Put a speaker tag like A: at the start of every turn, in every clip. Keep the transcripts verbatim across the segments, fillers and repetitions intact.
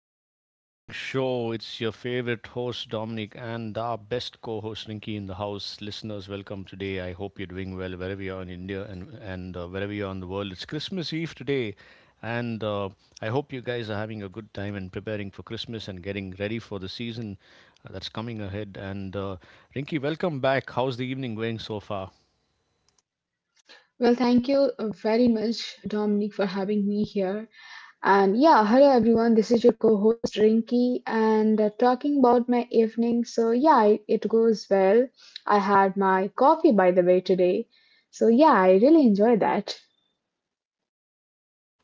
A: to the evening show. It's your favorite host, Dominic, and our best co host, Rinky, in the house. Listeners, welcome today. I hope you're doing well wherever you are in India and, and uh, wherever you are in the world. It's Christmas Eve today, and uh, I hope you guys are having a good time and preparing for Christmas and getting ready for the season uh, that's coming ahead. And uh, Rinky, welcome back. How's the evening going so far?
B: Well, thank you uh, very much, Dominic, for having me here. And yeah, hello everyone. This is your co-host Rinky, and uh, talking about my evening. So yeah, it, it goes well. I had my coffee, by the way, today. So yeah, I really enjoy that.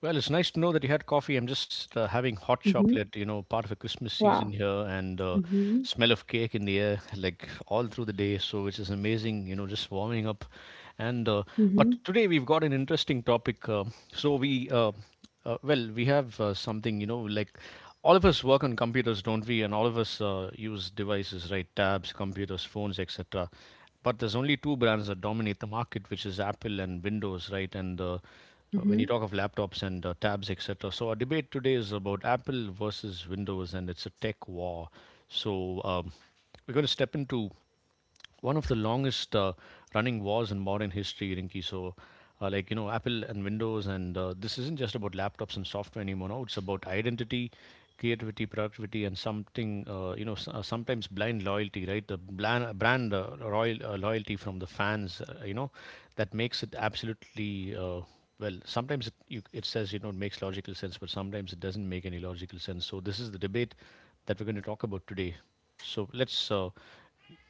A: Well, it's nice to know that you had coffee. I'm just uh, having hot chocolate,
B: Hmm.
A: you know, part of the Christmas season
B: Wow.
A: here, and uh,
B: Hmm.
A: smell of cake in the air, like all through the day. So, which is amazing, you know, just warming up. And uh,
B: Hmm.
A: But today we've got an interesting topic. Uh, so we, uh, uh, well, we have uh, something, you know, like all of us work on computers, don't we? And all of us uh, use devices, right? Tabs, computers, phones, etcetera. But there's only two brands that dominate the market, which is Apple and Windows, right? And uh, uh, When
B: Hmm.
A: you talk of laptops and uh, tabs, etcetera. So our debate today is about Apple versus Windows, and it's a tech war. So um, we're going to step into one of the longest uh, running wars in modern history, Rinky. So, uh, like, you know, Apple and Windows, and uh, this isn't just about laptops and software anymore. No, it's about identity, creativity, productivity, and something, uh, you know, s- uh, sometimes blind loyalty, right? The bland, brand uh, royal, uh, loyalty from the fans, uh, you know, that makes it absolutely. Uh, well, sometimes it, you, it says you know it makes logical sense, but sometimes it doesn't make any logical sense. So this is the debate that we're going to talk about today. So let's uh,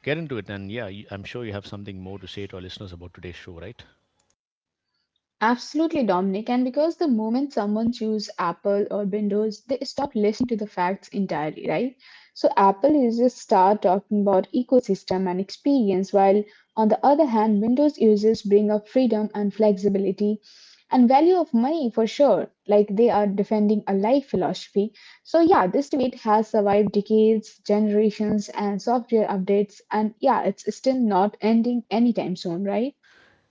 A: Get into it, and yeah, you- I'm sure you have something more to say to our listeners about today's show, right?
B: Absolutely, Dominic. And because the moment someone chooses Apple or Windows, they stop listening to the facts entirely, right? So Apple users start talking about ecosystem and experience, while on the other hand, Windows users bring up freedom and flexibility and value of money for sure, like they are defending a life philosophy. So yeah, this debate has survived decades, generations, and software updates, and yeah, it's still not ending anytime soon, right?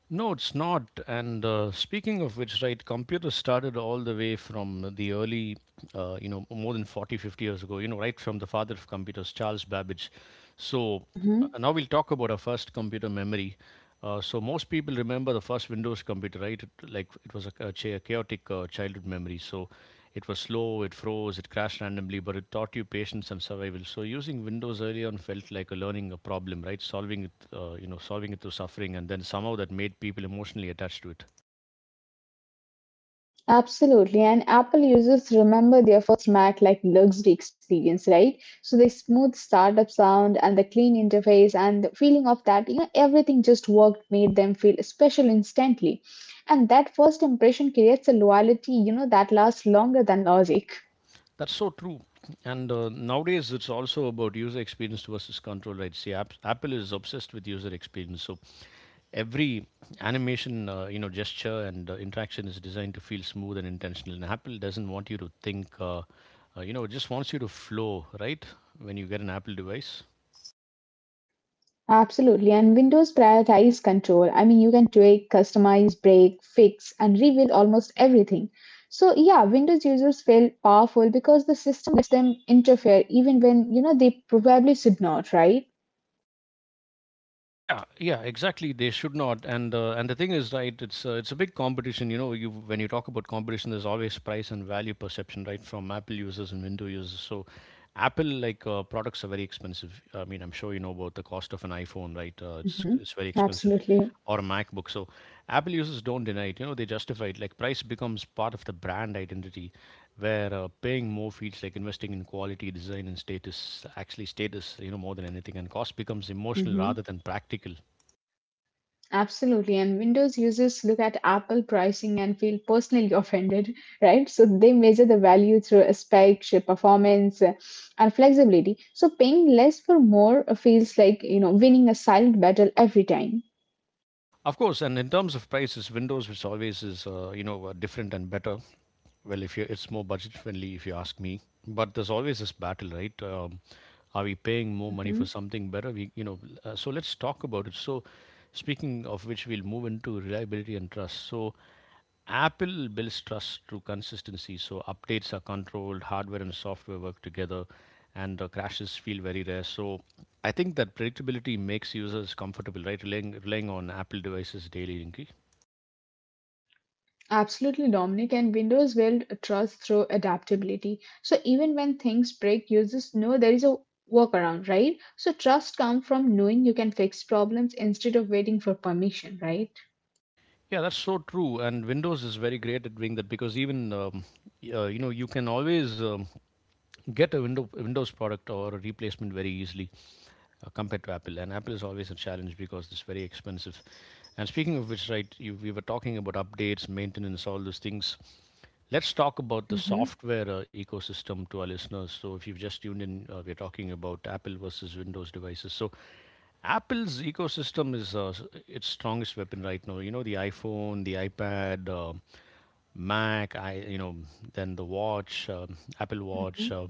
A: No, it's not. And uh, Speaking of which, right, computers started all the way from the early, uh, you know, more than forty, fifty years ago, you know, right from the father of computers, Charles Babbage. So
B: Mm-hmm.
A: uh, now we'll talk about our first computer memory. Uh, so most people remember the first Windows computer, right? It, like it was a, a cha- chaotic uh, childhood memory. So it was slow, it froze, it crashed randomly, but it taught you patience and survival. So using Windows early on felt like a learning a problem, right? Solving it, uh, you know, solving it through suffering, and then somehow that made people emotionally attached to it.
B: Absolutely. And Apple users remember their first Mac like luxury experience, right? So the smooth startup sound and the clean interface and the feeling of that, you know, everything just worked, made them feel special instantly. And that first impression creates a loyalty, you know, that lasts longer than logic.
A: That's so true. And uh, Nowadays, it's also about user experience versus control, right? See, app- Apple is obsessed with user experience. So every animation, uh, you know, gesture and uh, interaction is designed to feel smooth and intentional. And Apple doesn't want you to think. Uh, uh, you know, it just wants you to flow, right? When you get an Apple device.
B: Absolutely. And Windows prioritize control. I mean, you can tweak, customize, break, fix, and rebuild almost everything. So yeah, Windows users feel powerful because the system lets them interfere even when, you know, they probably should not, right?
A: Yeah, yeah, exactly. They should not. And uh, and the thing is, right? It's uh, it's a big competition. You know, you when you talk about competition, there's always price and value perception, right, from Apple users and Windows users. So, Apple like uh, products are very expensive. I mean, I'm sure you know about the cost of an iPhone, right? Uh, it's
B: Hmm.
A: it's very expensive,
B: Absolutely.
A: or a MacBook. So, Apple users don't deny it. You know, they justify it. Like price becomes part of the brand identity where uh, paying more feels like investing in quality design and status, actually status, you know, more than anything, and cost becomes emotional
B: Hmm.
A: rather than practical.
B: Absolutely. And Windows users look at Apple pricing and feel personally offended, right? So they measure the value through specs, performance, uh, and flexibility. So paying less for more uh, feels like, you know, winning a silent battle every time.
A: Of course. And in terms of prices, Windows, which always is, uh, you know uh, different and better. Well, if you, it's more budget friendly if you ask me. But there's always this battle, right? Um, are we paying more money
B: Mhm.
A: for something better? We you know uh, So let's talk about it. So speaking of which, we'll move into reliability and trust. So Apple builds trust through consistency, so updates are controlled, hardware and software work together, and uh, crashes feel very rare. So I think that predictability makes users comfortable, right? Relying, relying on Apple devices daily, Inky.
B: Absolutely, Dominic. And Windows build trust through adaptability. So even when things break, users know there is a workaround, right? So trust comes from knowing you can fix problems instead of waiting for permission, right?
A: Yeah, that's so true. And Windows is very great at doing that because even um, y- uh, you know, you can always um, get a window Windows product or a replacement very easily, uh, compared to Apple. And Apple is always a challenge because it's very expensive. And speaking of which, right, you, we were talking about updates, maintenance, all those things. Let's talk about the
B: Mhm.
A: software uh, ecosystem to our listeners. So, if you've just tuned in, uh, we're talking about Apple versus Windows devices. So, Apple's ecosystem is uh, s- its strongest weapon right now. You know, the iPhone, the iPad, uh, Mac, I you know, then the watch, uh, Apple Watch, uh,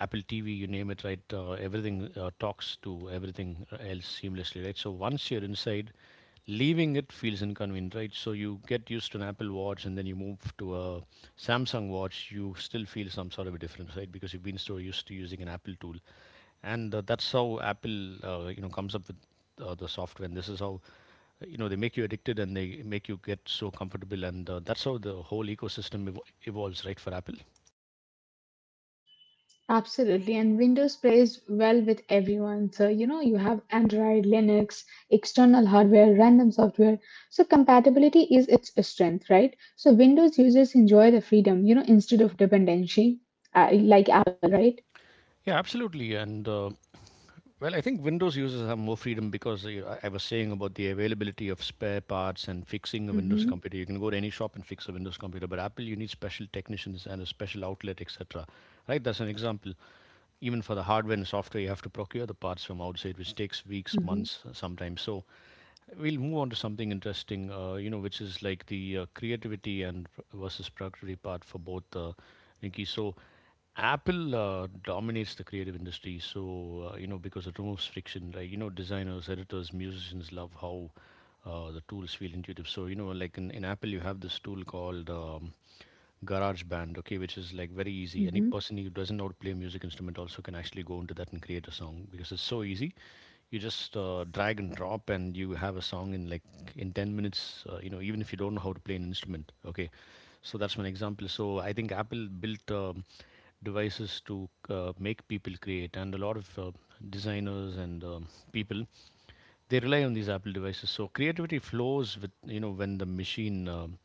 A: Apple T V, you name it, right? Uh, everything uh, talks to everything else seamlessly, right? So once you're inside, leaving it feels inconvenient, right? So you get used to an Apple Watch and then you move to a Samsung Watch, you still feel some sort of a difference, right? Because you've been so used to using an Apple tool, and uh, that's how Apple, uh, you know comes up with uh, the software, and this is how, uh, you know they make you addicted and they make you get so comfortable, and uh, that's how the whole ecosystem ev- evolves, right, for Apple.
B: Absolutely, and Windows plays well with everyone. So, you know, you have Android, Linux, external hardware, random software. So, compatibility is its strength, right? So, Windows users enjoy the freedom, you know, instead of dependency, uh, like Apple, right?
A: Yeah, absolutely. And uh, Well, I think Windows users have more freedom, because uh, i I was saying about the availability of spare parts, and fixing a Windows
B: Mm-hmm,
A: computer, you can go to any shop and fix a Windows computer, but Apple, you need special technicians and a special outlet, etc., right? That's an example. Even for the hardware and software, you have to procure the parts from outside, which takes weeks,
B: mm-hmm,
A: months, uh, sometimes. So we'll move on to something interesting, uh, you know, which is like the uh, creativity and pr- versus productivity part for both, uh, Nikki. So, Apple uh, dominates the creative industry. So, uh, you know, because it removes friction, like, you know, designers, editors, musicians love how uh, the tools feel intuitive. So, you know, like in, in Apple, you have this tool called um, GarageBand, okay, which is like very easy. Any
B: mm-hmm.
A: person who doesn't know how to play music instrument also can actually go into that and create a song, because it's so easy. You just uh, drag and drop, and you have a song in like in ten minutes. Uh, you know, even if you don't know how to play an instrument, okay. So that's one example. So I think Apple built um, devices to uh, make people create, and a lot of uh, designers and um, people, they rely on these Apple devices. So creativity flows with, you know, when the machine um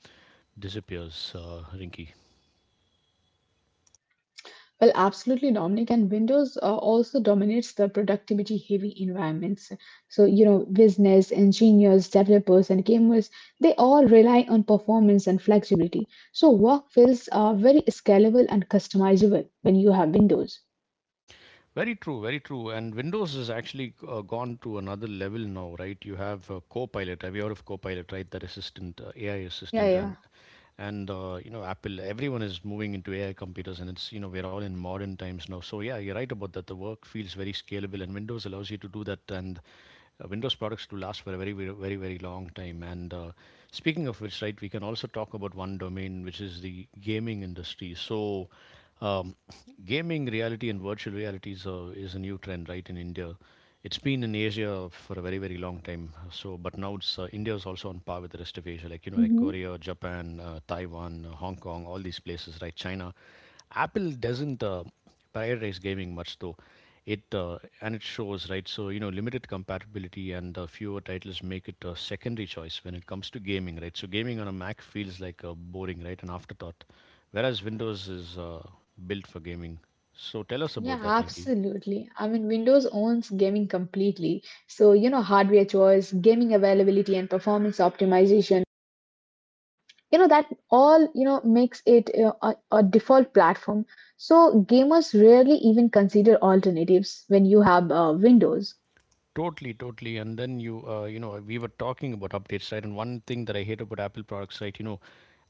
A: disappears, uh, Rinky.
B: Well, absolutely, Dominic. And Windows uh, also dominates the productivity heavy environments. So, you know, business, engineers, developers, and gamers, they all rely on performance and flexibility. So, work feels uh, very scalable and customizable when you have Windows.
A: Very true, very true. And Windows has actually uh, gone to another level now, right? You have uh, Copilot. Have you heard of Copilot, right? That assistant, uh, A I assistant,
B: Yeah,
A: and
B: yeah.
A: and uh, you know, Apple. Everyone is moving into A I computers, and it's, you know, we're all in modern times now. So yeah, you're right about that. The work feels very scalable, and Windows allows you to do that. And uh, Windows products to last for a very, very, very long time. And uh, Speaking of which, right, we can also talk about one domain, which is the gaming industry. So, um, gaming reality and virtual reality is a, is a new trend, right, in India. It's been in Asia for a very, very long time. So, but now it's uh, India is also on par with the rest of Asia, like you know, like
B: Hmm.
A: Korea, Japan, uh, Taiwan, uh, Hong Kong, all these places, right? China. Apple doesn't Uh, prioritize gaming much, though it uh, and it shows, right? So you know, limited compatibility and uh, fewer titles make it a secondary choice when it comes to gaming, right? So gaming on a Mac feels like a boring, right, an afterthought, whereas Windows is uh, built for gaming. So tell us about
B: Yeah,
A: that, Rinky.
B: absolutely. I mean, Windows owns gaming completely. So, you know, hardware choice, gaming availability, and performance optimization, you know, that all, you know, makes it uh, a, a default platform, so gamers rarely even consider alternatives when you have uh, Windows.
A: Totally, totally. And then you, uh, you know, we were talking about updates, right? And one thing that I hate about Apple products, right? You know,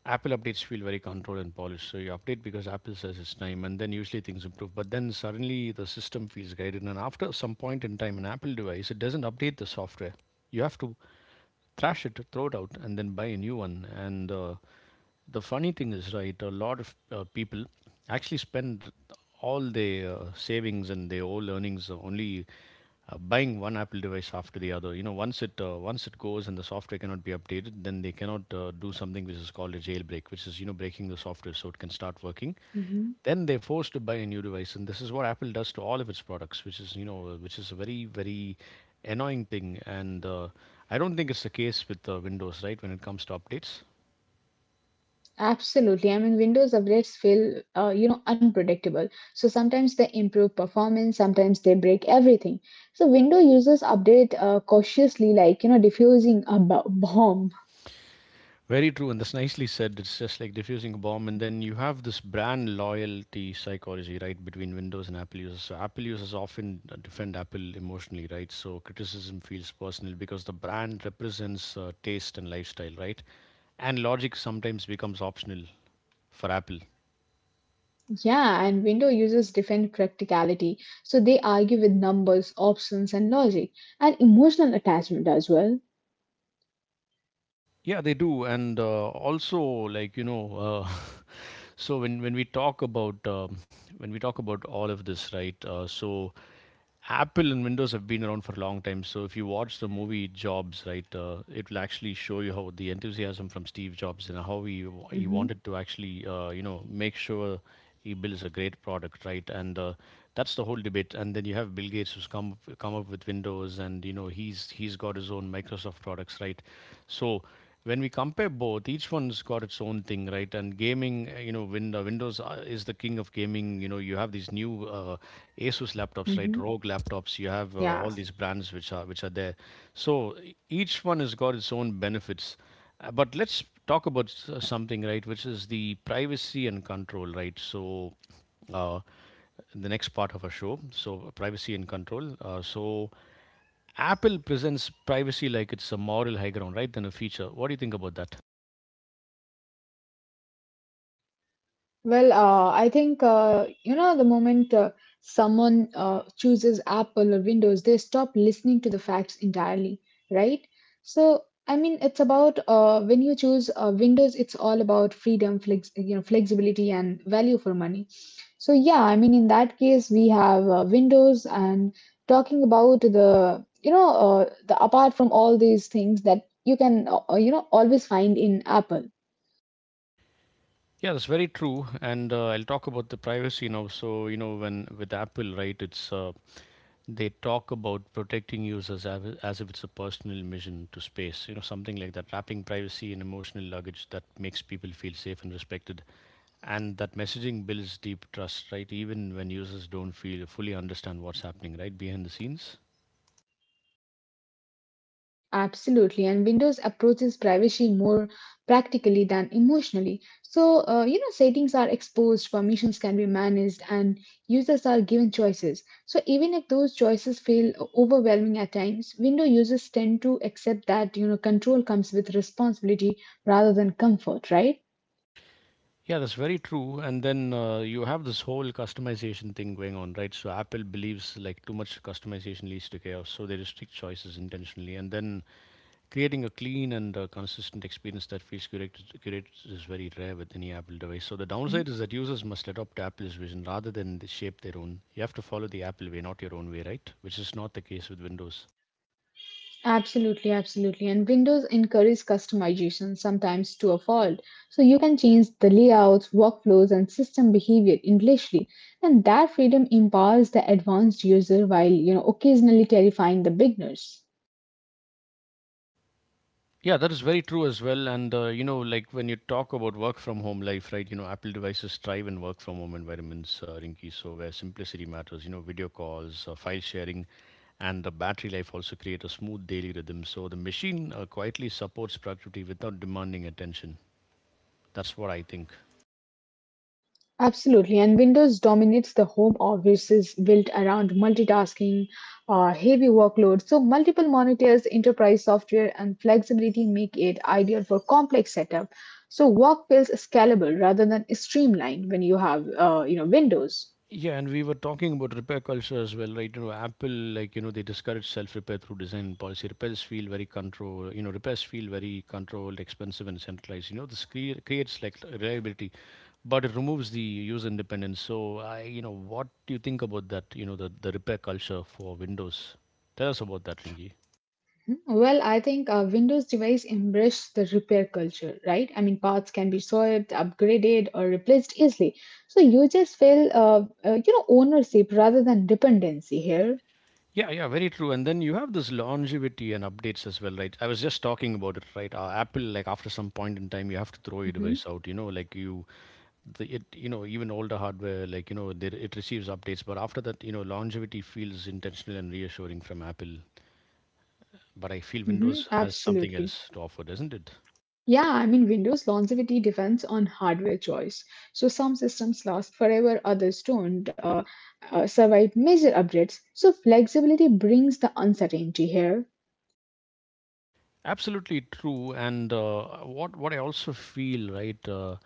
A: Apple updates feel very controlled and polished. So you update because Apple says it's time, and then usually things improve. But then suddenly the system feels guided. And after some point in time, an Apple device, it doesn't update the software. You have to trash it, throw it out, and then buy a new one. And uh, the funny thing is, right, a lot of uh, people actually spend all their uh, savings and their whole earnings uh, only uh, buying one Apple device after the other. You know, once it uh, once it goes and the software cannot be updated, then they cannot uh, do something which is called a jailbreak, which is you know breaking the software so it can start working.
B: Mhm.
A: Then they're forced to buy a new device, and this is what Apple does to all of its products, which is you know uh, which is a very very annoying thing. And uh, I don't think it's the case with uh, Windows, right? When it comes to updates.
B: Absolutely. I mean, Windows updates feel, uh, you know, unpredictable. So sometimes they improve performance, sometimes they break everything. So Windows users update uh, cautiously, like, you know, diffusing a b- bomb.
A: Very true, and that's nicely said. It's just like diffusing a bomb, and then you have this brand loyalty psychology, right, between Windows and Apple users. So Apple users often uh, defend Apple emotionally, right? So criticism feels personal because the brand represents uh, taste and lifestyle, right? And logic sometimes becomes optional for Apple.
B: Yeah, and window users defend practicality, so they argue with numbers, options, and logic, and emotional attachment as well.
A: Yeah, they do, and uh, also like you know, uh, so when when we talk about um, when we talk about all of this, right? Uh, so Apple and Windows have been around for a long time. So if you watch the movie Jobs, right, uh, it will actually show you how the enthusiasm from Steve Jobs and how he wa- he
B: Hmm.
A: wanted to actually uh, you know make sure he builds a great product, right? And uh, that's the whole debate. And then you have Bill Gates who's come up- come up with Windows, and you know he's he's got his own Microsoft products, right? So when we compare both, each one's got its own thing, right? And gaming, uh, you know, Win- uh, Windows uh, is the king of gaming. You know, you have these new uh, Asus laptops, right?
B: Hmm.
A: Rogue laptops. You have uh,
B: Yeah.
A: all these brands which are which are there. So e- each one has got its own benefits. Uh, but let's talk about s- uh, something, right? Which is the privacy and control, right? So uh, the next part of our show. So privacy and control. Uh, so Apple presents privacy like it's a moral high ground, right? Than a feature. What do you think about that?
B: Well, uh, I think uh, you know the moment uh, someone uh, chooses Apple or Windows, they stop listening to the facts entirely, right? So, I mean, it's about uh, when you choose uh, Windows, it's all about freedom, flex, you know, flexibility, and value for money. So, yeah, I mean, in that case, we have uh, Windows, and talking about the, you know, uh, the apart from all these things that you can uh, uh, you know always find in Apple.
A: Yeah, that's very true. And uh, I'll talk about the privacy now. So you know, when with Apple, right? It's uh, They talk about protecting users av- as if it's a personal mission to space, you know, something like that, wrapping privacy in emotional luggage that makes people feel safe and respected. And that messaging builds deep trust, right? Even when users don't feel fully understand what's happening, right, behind the scenes.
B: Absolutely, and Windows approaches privacy more practically than emotionally. So, uh, you know, settings are exposed, permissions can be managed, and users are given choices. So, even if those choices feel overwhelming at times, Windows users tend to accept that, you know, control comes with responsibility rather than comfort, right?
A: Yeah, that's very true. And then uh, you have this whole customization thing going on, right? So Apple believes like too much customization leads to chaos, so they restrict choices intentionally. And then creating a clean and uh, consistent experience that feels curated, curated is very rare with any Apple device. So, the downside is that users must adopt Apple's vision rather than they shape their own. You have to follow the Apple way, not your own way, right? Which is not the case with Windows.
B: Absolutely, absolutely. And Windows encourages customization sometimes to a fault. So you can change the layouts, workflows, and system behavior endlessly. And that freedom empowers the advanced user while, you know, occasionally terrifying the beginners.
A: Yeah, that is very true as well. And, uh, you know, like when you talk about work from home life, right, you know, Apple devices thrive in work from home environments, uh, Rinky. So, where simplicity matters, you know, video calls, uh, file sharing, and the battery life also create a smooth daily rhythm. So, the machine uh, quietly supports productivity without demanding attention. That's what I think.
B: Absolutely, and Windows dominates the home office is built around multitasking, uh, heavy workloads. So multiple monitors, enterprise software, and flexibility make it ideal for complex setup. So work feels scalable rather than streamlined when you have, uh, you know, Windows.
A: Yeah, and we were talking about repair culture as well, right? You know, Apple, like, you know, they discourage self repair through design and policy. Repairs feel very control. you know, repairs feel very controlled, expensive, and centralized. You know, this crea- creates like reliability, but it removes the user independence. So, I, you know, what do you think about that? You know, the, the repair culture for Windows? Tell us about that, Ringy.
B: Hmm. Well, I think uh, Windows device embrace the repair culture, right? I mean, parts can be sold, upgraded, or replaced easily. So users feel uh, uh, you know ownership rather than dependency here.
A: Yeah, yeah, very true. And then you have this longevity and updates as well, right? I was just talking about it, right? Uh, Apple, like after some point in time, you have to throw your
B: Mm-hmm.
A: device out. You know, like you the it you know even older hardware like you know they, it receives updates, but after that you know longevity feels intentional and reassuring from Apple, but I feel
B: Mhm,
A: Windows has something else
B: absolutely.
A: to offer, doesn't it?
B: Yeah, I mean, Windows longevity depends on hardware choice. So some systems last forever, others don't uh, uh, survive major updates. So flexibility brings the uncertainty here.
A: Absolutely true. And uh, what what I also feel, right. uh,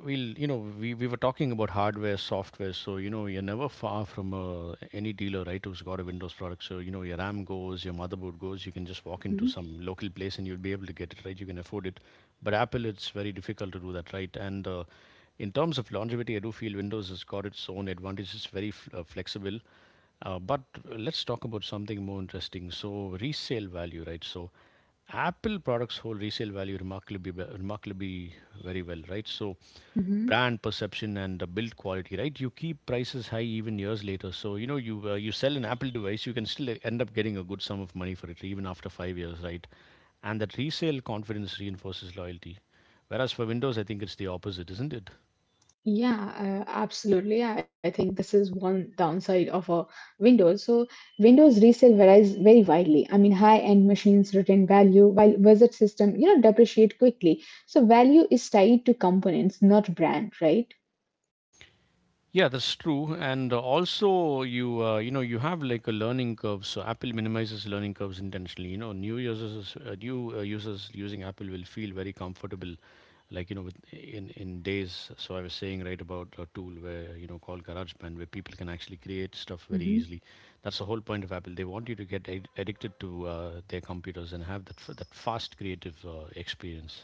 A: Well, you know, we, we were talking about hardware, software, so you know, you're never far from uh, any dealer, right, who's got a Windows product. So, you know, your RAM goes, your motherboard goes, you can just walk into
B: Mhm,
A: some local place and you'll be able to get it, right? You can afford it. But Apple, it's very difficult to do that, right? And uh, in terms of longevity, I do feel Windows has got its own advantages, it's very f- uh, flexible. Uh, but let's talk about something more interesting. So, resale value, right? So, Apple products hold resale value remarkably, be- remarkably very well, right? So,
B: mhm.
A: brand perception and the build quality, right, you keep prices high even years later. So you know you uh, you sell an Apple device, you can still end up getting a good sum of money for it even after five years, right? And that resale confidence reinforces loyalty, whereas for Windows I think it's the opposite, isn't it?
B: Yeah, uh, absolutely. Yeah, I think this is one downside of a Windows. So Windows resale varies very widely. I mean, high-end machines retain value while wizard system, you know, depreciate quickly. So value is tied to components, not brand, right?
A: Yeah, that's true. And uh, also, you uh, you know, you have like a learning curve. So Apple minimizes learning curves intentionally. You know, new users uh, new uh, users using Apple will feel very comfortable, like you know, with in in days. So I was saying right about a tool where you know called GarageBand, where people can actually create stuff very
B: Mm-hmm.
A: easily. That's the whole point of Apple. They want you to get ad- addicted to uh, their computers and have that f- that fast creative uh, experience.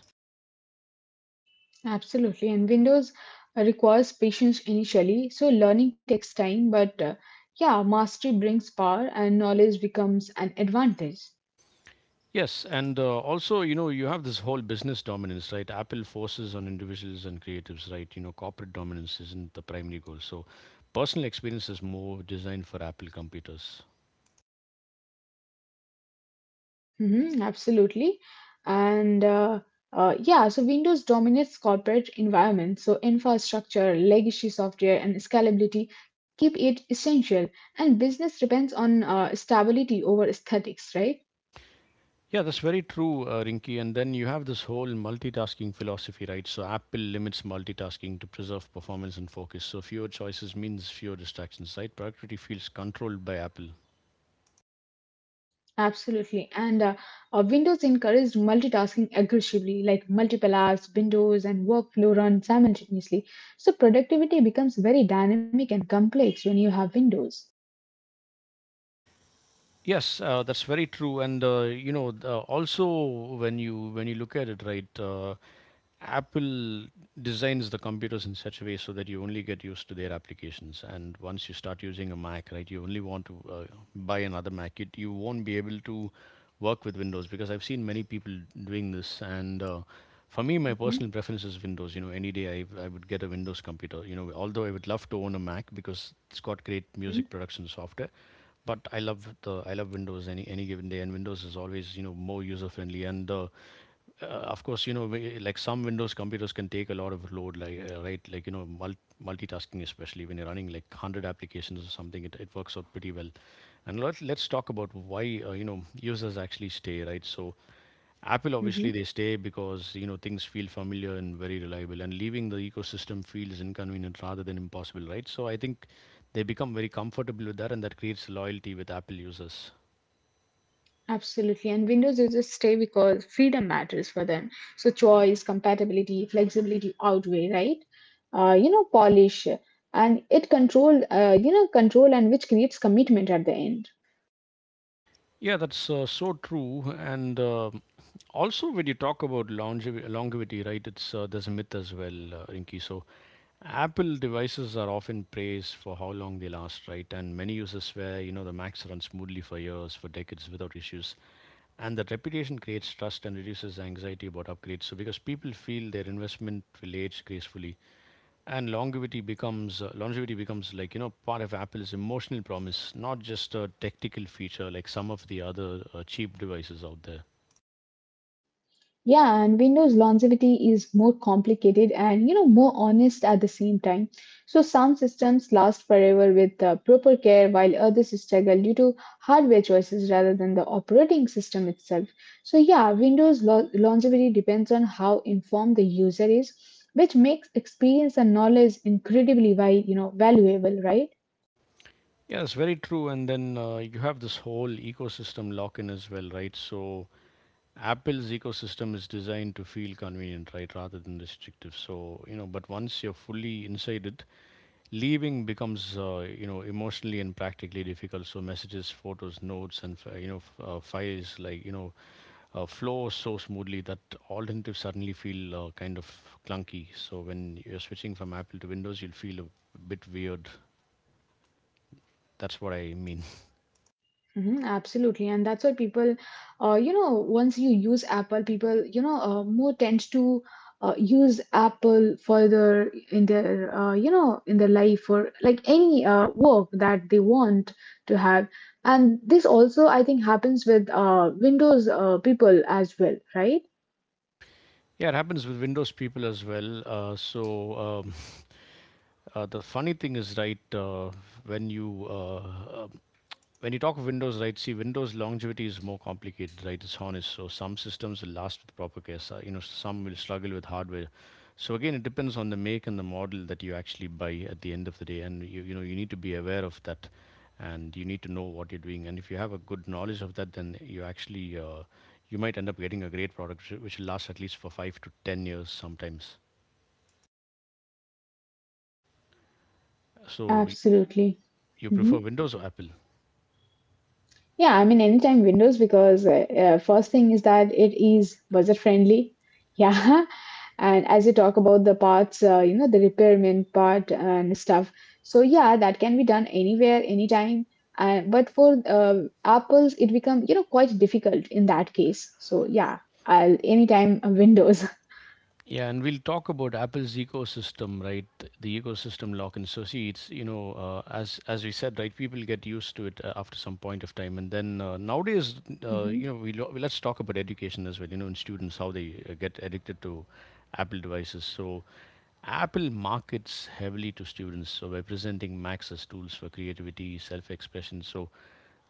B: Absolutely, and Windows uh, requires patience initially, so learning takes time, but uh, yeah, mastery brings power and knowledge becomes an advantage.
A: Yes, and uh, also, you know, you have this whole business dominance, right? Apple forces on individuals and creatives, right? You know, corporate dominance isn't the primary goal. So, personal experience is more designed for Apple computers.
B: Hmm, absolutely. And uh, uh, yeah, so Windows dominates corporate environments, so infrastructure, legacy software, and scalability keep it essential, and business depends on uh, stability over aesthetics, right?
A: Yeah, that's very true, uh, Rinky. And then you have this whole multitasking philosophy, right? So, Apple limits multitasking to preserve performance and focus. So, fewer choices means fewer distractions, right? Productivity feels controlled by Apple.
B: Absolutely. And uh, uh, Windows encouraged multitasking aggressively, like multiple apps, windows, and workflow run simultaneously. So productivity becomes very dynamic and complex when you have windows.
A: Yes, uh, that's very true. And uh, you know, th- uh, also when you when you look at it, right? Uh, Apple designs the computers in such a way so that you only get used to their applications. And once you start using a Mac, right, you only want to uh, buy another Mac. It, you won't be able to work with Windows because I've seen many people doing this. And uh, for me, my
B: Hmm.
A: personal preference is Windows. You know, any day I, I would get a Windows computer. You know, although I would love to own a Mac because it's got great
B: Hmm.
A: music production software, but I love the I love Windows any any given day, and Windows is always you know more user friendly. And the uh, of course, you know, we- like some Windows computers can take a lot of load, like uh, right, like you know, mul- multitasking, especially when you're running like hundred applications or something, it, it works out pretty well. And let, let's talk about why uh, you know users actually stay, right? So, Apple obviously
B: Hmm.
A: they stay because you know things feel familiar and very reliable, and leaving the ecosystem feels inconvenient rather than impossible, right? So I think they become very comfortable with that, and that creates loyalty with Apple users.
B: Absolutely. And Windows users stay because freedom matters for them. So choice, compatibility, flexibility outweigh, right? Uh, you know, polish. And it control, uh, you know, control and which creates commitment at the end.
A: Yeah, that's uh, so true. And uh, also, when you talk about longev- longevity, right, it's uh, there's a myth as well, uh, Rinky. So, Apple devices are often praised for how long they last, right? And many users swear, you know, the Macs run smoothly for years, for decades without issues. And that reputation creates trust and reduces anxiety about upgrades. So because people feel their investment will age gracefully, and longevity becomes uh, longevity becomes like you know part of Apple's emotional promise, not just a technical feature like some of the other uh, cheap devices out there.
B: Yeah, and Windows longevity is more complicated and, you know, more honest at the same time. So some systems last forever with uh, proper care, while others struggle due to hardware choices rather than the operating system itself. So yeah, Windows lo- longevity depends on how informed the user is, which makes experience and knowledge incredibly vi- you know valuable, right?
A: Yeah, it's very true. And then uh, you have this whole ecosystem lock in as well, right? So Apple's ecosystem is designed to feel convenient, right, rather than restrictive. So you know, but once you're fully inside it leaving becomes uh, you know emotionally and practically difficult. So messages, photos, notes and fi- you know f- uh, files, like you know uh, flow so smoothly that alternatives suddenly feel uh, kind of clunky. So when you're switching from Apple to Windows, you'll feel a bit weird. That's what I mean.
B: Mm-hmm, absolutely, and that's why people, uh, you know, once you use Apple, people, you know, uh, more tends to uh, use Apple further in their, uh, you know, in their life or like any uh, work that they want to have. And this also, I think, happens with uh, Windows uh, people as well, right?
A: Yeah, it happens with Windows people as well. uh, so um, uh, the funny thing is, right? uh, when you uh, uh, when you talk of Windows, right? See, Windows longevity is more complicated, right? It's honest. So some systems will last with proper care. So, you know, some will struggle with hardware. So again, it depends on the make and the model that you actually buy at the end of the day, and you you know you need to be aware of that, and you need to know what you're doing. And if you have a good knowledge of that, then you actually uh, you might end up getting a great product which which will last at least for five to ten years sometimes. So
B: Absolutely.
A: you
B: Hmm.
A: prefer Windows or Apple?
B: Yeah, I mean, anytime Windows because uh, uh, first thing is that it is budget friendly. Yeah, and as you talk about the parts, uh, you know, the repairman part and stuff, so yeah, that can be done anywhere anytime, uh, but for uh, apples it become, you know, quite difficult in that case, so yeah, I'll anytime uh, Windows.
A: Yeah, and we'll talk about Apple's ecosystem, right? The ecosystem lock and so see, it's you know, uh, as as we said, right? People get used to it uh, after some point of time, and then uh, nowadays, uh, you know, we lo- let's talk about education as well. You know, in students how they uh, get addicted to Apple devices. So Apple markets heavily to students, so by presenting Macs as tools for creativity, self-expression. So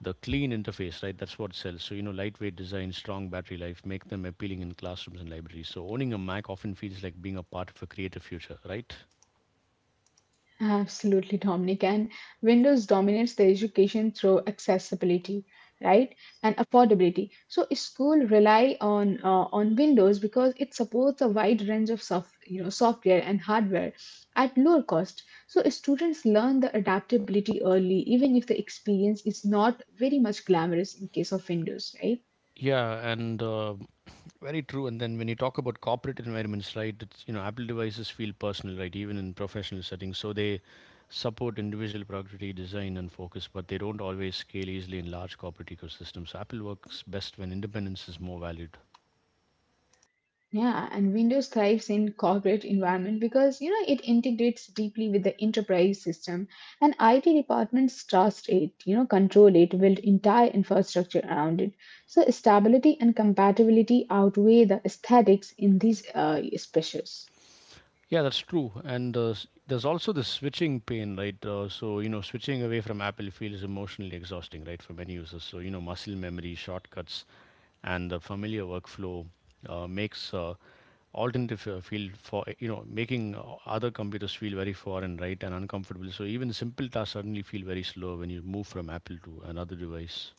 A: the clean interface, right? That's what sells. So, you know, lightweight design, strong battery life, make them appealing in classrooms and libraries. So owning a Mac often feels like being a part of a creative future, right?
B: Absolutely, Dominic. And Windows dominates the education through accessibility, right, and affordability. So school rely on uh, on Windows because it supports a wide range of soft, you know, software and hardware at lower cost. So students learn the adaptability early, even if the experience is not very much glamorous in case of Windows, right?
A: Yeah, and uh, Very true. And then when you talk about corporate environments, right? It's, you know, Apple devices feel personal, right? Even in professional settings, so they support individual productivity, design, and focus, but they don't always scale easily in large corporate ecosystems. So Apple works best when independence is more valued.
B: Yeah, and Windows thrives in corporate environment because you know it integrates deeply with the enterprise system and I T departments trust it, you know, control it, build entire infrastructure around it. So stability and compatibility outweigh the aesthetics in these uh, specials.
A: Yeah, that's true. And uh, s- there's also the switching pain, right? Uh, so, you know, switching away from Apple feels emotionally exhausting, right, for many users. So, you know, muscle memory, shortcuts, and the familiar workflow uh, makes uh, alternative uh, feel for, you know, making uh, other computers feel very foreign, right, and uncomfortable. So even simple tasks suddenly feel very slow when you move from Apple to another device.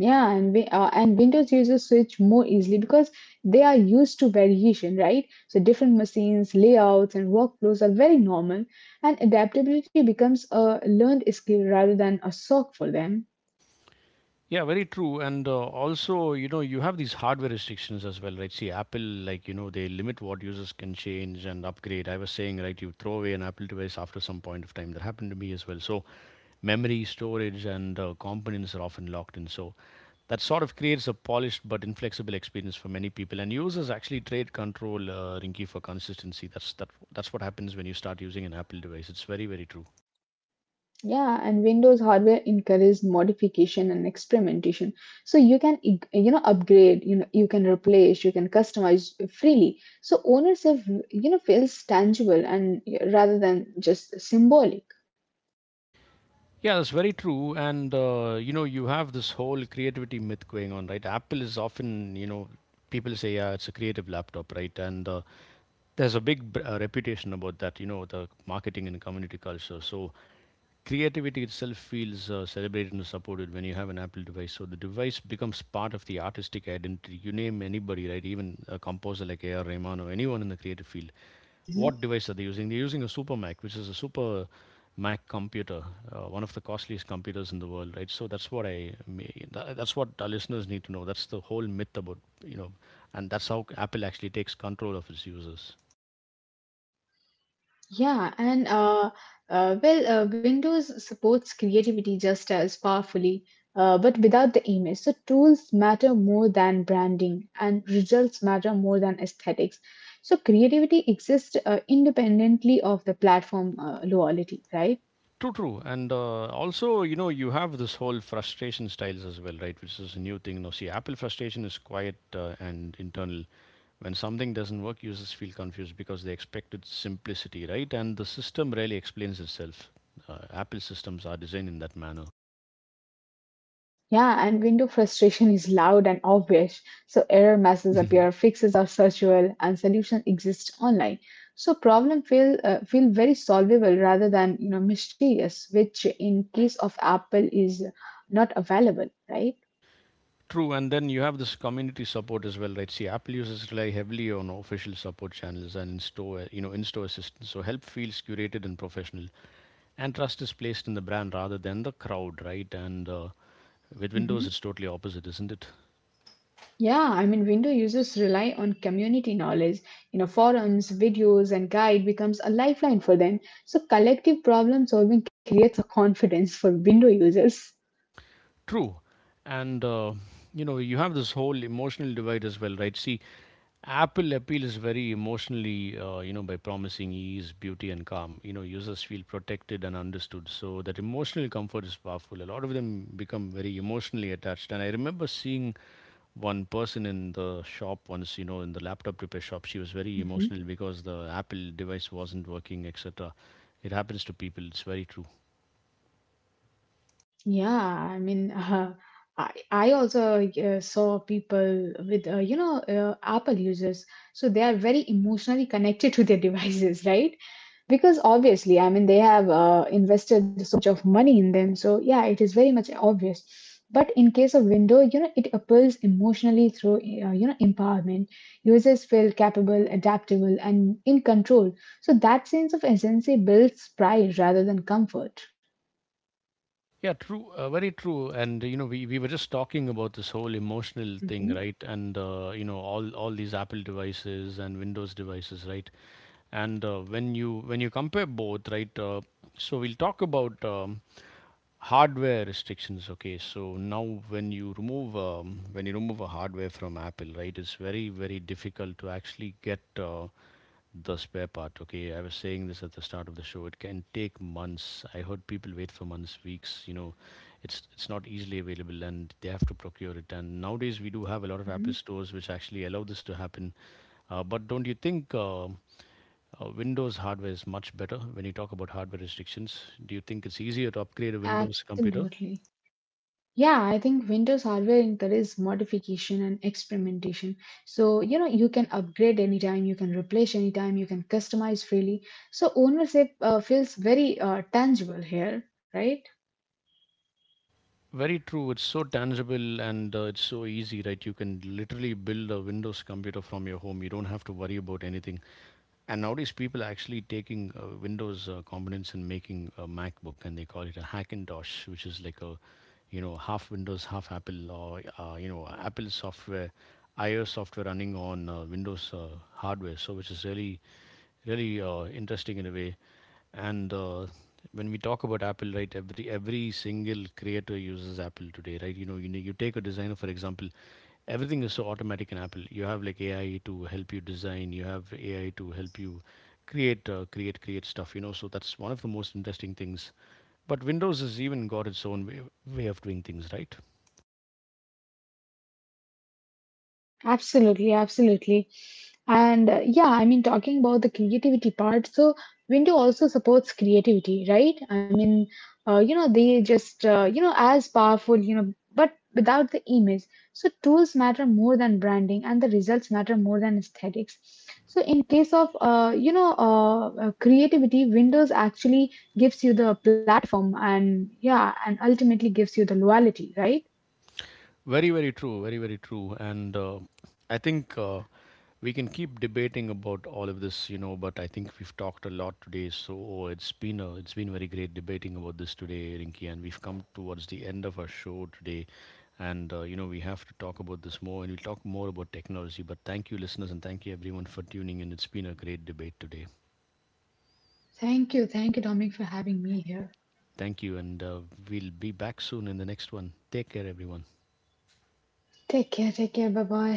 B: Yeah, and we, uh, and Windows users switch more easily because they are used to variation, right? So different machines, layouts, and workflows are very normal, and adaptability becomes a learned skill rather than a shock for them.
A: Yeah, very true. And uh, also, you know, you have these hardware restrictions as well, right? See, Apple, like, you know, they limit what users can change and upgrade. I was saying, right, you throw away an Apple device after some point of time. That happened to me as well. So memory, storage, and uh, components are often locked in. So that sort of creates a polished but inflexible experience for many people. And users actually trade control, uh, Rinky, for consistency. That's, that, that's what happens when you start using an Apple device. It's very, very true.
B: Yeah, and Windows hardware encourages modification and experimentation. So you can, ig- you know, upgrade, you know, you can replace, you can customize freely. So ownership, you know, feels tangible and yeah, rather than just symbolic.
A: Yeah, that's very true. And uh, you know, you have this whole creativity myth going on, right? Apple is often, you know, people say, yeah, it's a creative laptop, right? And uh, there's a big br- uh, reputation about that, you know, the marketing and community culture. So creativity itself feels uh, celebrated and supported when you have an Apple device. So the device becomes part of the artistic identity. You name anybody, right? Even a composer like A R. Rahman or anyone in the creative field,
B: Mm-hmm.
A: what device are they using? They're using a Super Mac, which is a super Mac computer, uh, one of the costliest computers in the world, right? So that's what I mean. That's what our listeners need to know. That's the whole myth about, you know, and that's how Apple actually takes control of its users.
B: Yeah, and uh, uh, well, uh, Windows supports creativity just as powerfully, uh, but without the image. So tools matter more than branding, and results matter more than aesthetics. So creativity exists uh, independently of the platform uh, loyalty, right?
A: True, true. And uh, also, you know, you have this whole frustration styles as well, right? Which is a new thing. Now, see, Apple frustration is quiet uh, and internal. When something doesn't work, users feel confused because they expected simplicity, right? And the system really explains itself. Uh, apple systems are designed in that manner.
B: Yeah, and window frustration is loud and obvious. So error messages
A: Mhm.
B: appear, fixes are searchable, and solutions exist online. So problem feel uh, feel very solvable rather than you know mysterious, which in case of Apple is not available, right?
A: True, and then you have this community support as well, right? See, Apple users rely heavily on official support channels and in-store, you know, in-store assistance. So help feels curated and professional, and trust is placed in the brand rather than the crowd, right? And uh, with Windows,
B: Hmm.
A: it's totally opposite, isn't it?
B: Yeah, I mean, window users rely on community knowledge. You know, forums, videos, and guide becomes a lifeline for them. So collective problem solving creates a confidence for window users.
A: True, and uh, you know, you have this whole emotional divide as well, right? See, Apple appeal is very emotionally, uh, you know, by promising ease, beauty, and calm. You know, users feel protected and understood. So that emotional comfort is powerful. A lot of them become very emotionally attached. And I remember seeing one person in the shop once, you know, in the laptop repair shop. She was very emotional because the Apple device wasn't working, et cetera. It happens to people. It's very true.
B: Yeah, I mean, uh, I I also uh, saw people with uh, you know uh, Apple users, so they are very emotionally connected to their devices, right? Because obviously, I mean, they have uh, invested so much of money in them, so yeah, it is very much obvious. But in case of Windows, you know, it appeals emotionally through uh, you know empowerment. Users feel capable, adaptable, and in control. So that sense of agency builds pride rather than comfort.
A: Yeah, true. Uh, very true. And you know, we, we were just talking about this whole emotional thing,
B: Mhm.
A: right? And uh, you know, all all these Apple devices and Windows devices, right? And uh, when you when you compare both, right? Uh, so we'll talk about um, hardware restrictions. Okay, so now when you remove um, when you remove a hardware from Apple, right? It's very very difficult to actually get uh, the spare part. Okay, I was saying this at the start of the show. It can take months. I heard people wait for months, weeks. You know, it's it's not easily available, and they have to procure it. And nowadays, we do have a lot of Apple stores which actually allow this to happen. Uh, but don't you think uh, uh, Windows hardware is much better when you talk about hardware restrictions? Do you think it's easier to upgrade a Windows computer?
B: Absolutely. Yeah, I think Windows hardware encourages modification and experimentation. So, you know, you can upgrade anytime, you can replace anytime, you can customize freely. So, ownership uh, feels very uh, tangible here, right?
A: Very true. It's so tangible and uh, it's so easy, right? You can literally build a Windows computer from your home. You don't have to worry about anything. And nowadays, people are actually taking uh, Windows uh, components and making a MacBook, and they call it a Hackintosh, which is like a, you know, half Windows, half Apple, or uh, you know, Apple software, iOS software running on uh, Windows uh, hardware. So, which is really, really uh, interesting in a way. And uh, when we talk about Apple, right, every every single creator uses Apple today, right? You know, you you take a designer for example. Everything is so automatic in Apple. You have like AI to help you design, you have AI to help you create uh, create create stuff, you know. So that's one of the most interesting things, but Windows has even got its own way, way of doing things, right?
B: Absolutely, absolutely. And uh, yeah, I mean, talking about the creativity part, so Windows also supports creativity, right? I mean, uh, you know, they just, uh, you know, as powerful, you know, but without the image. So tools matter more than branding, and the results matter more than aesthetics. So in case of, uh, you know, uh, uh, creativity, Windows actually gives you the platform, and yeah, and ultimately gives you the loyalty, right?
A: Very, very true. Very, very true. And uh, I think uh, we can keep debating about all of this, you know. But I think we've talked a lot today, so oh, it's been a, it's been very great debating about this today, Rinky. And we've come towards the end of our show today, and uh, you know we have to talk about this more, and we'll talk more about technology. But thank you, listeners, and thank you everyone for tuning in. It's been a great debate today.
B: Thank you. Thank you, Dominic, for having me here.
A: Thank you, and uh, we'll be back soon in the next one. Take care, everyone.
B: Take care, take care. Bye bye.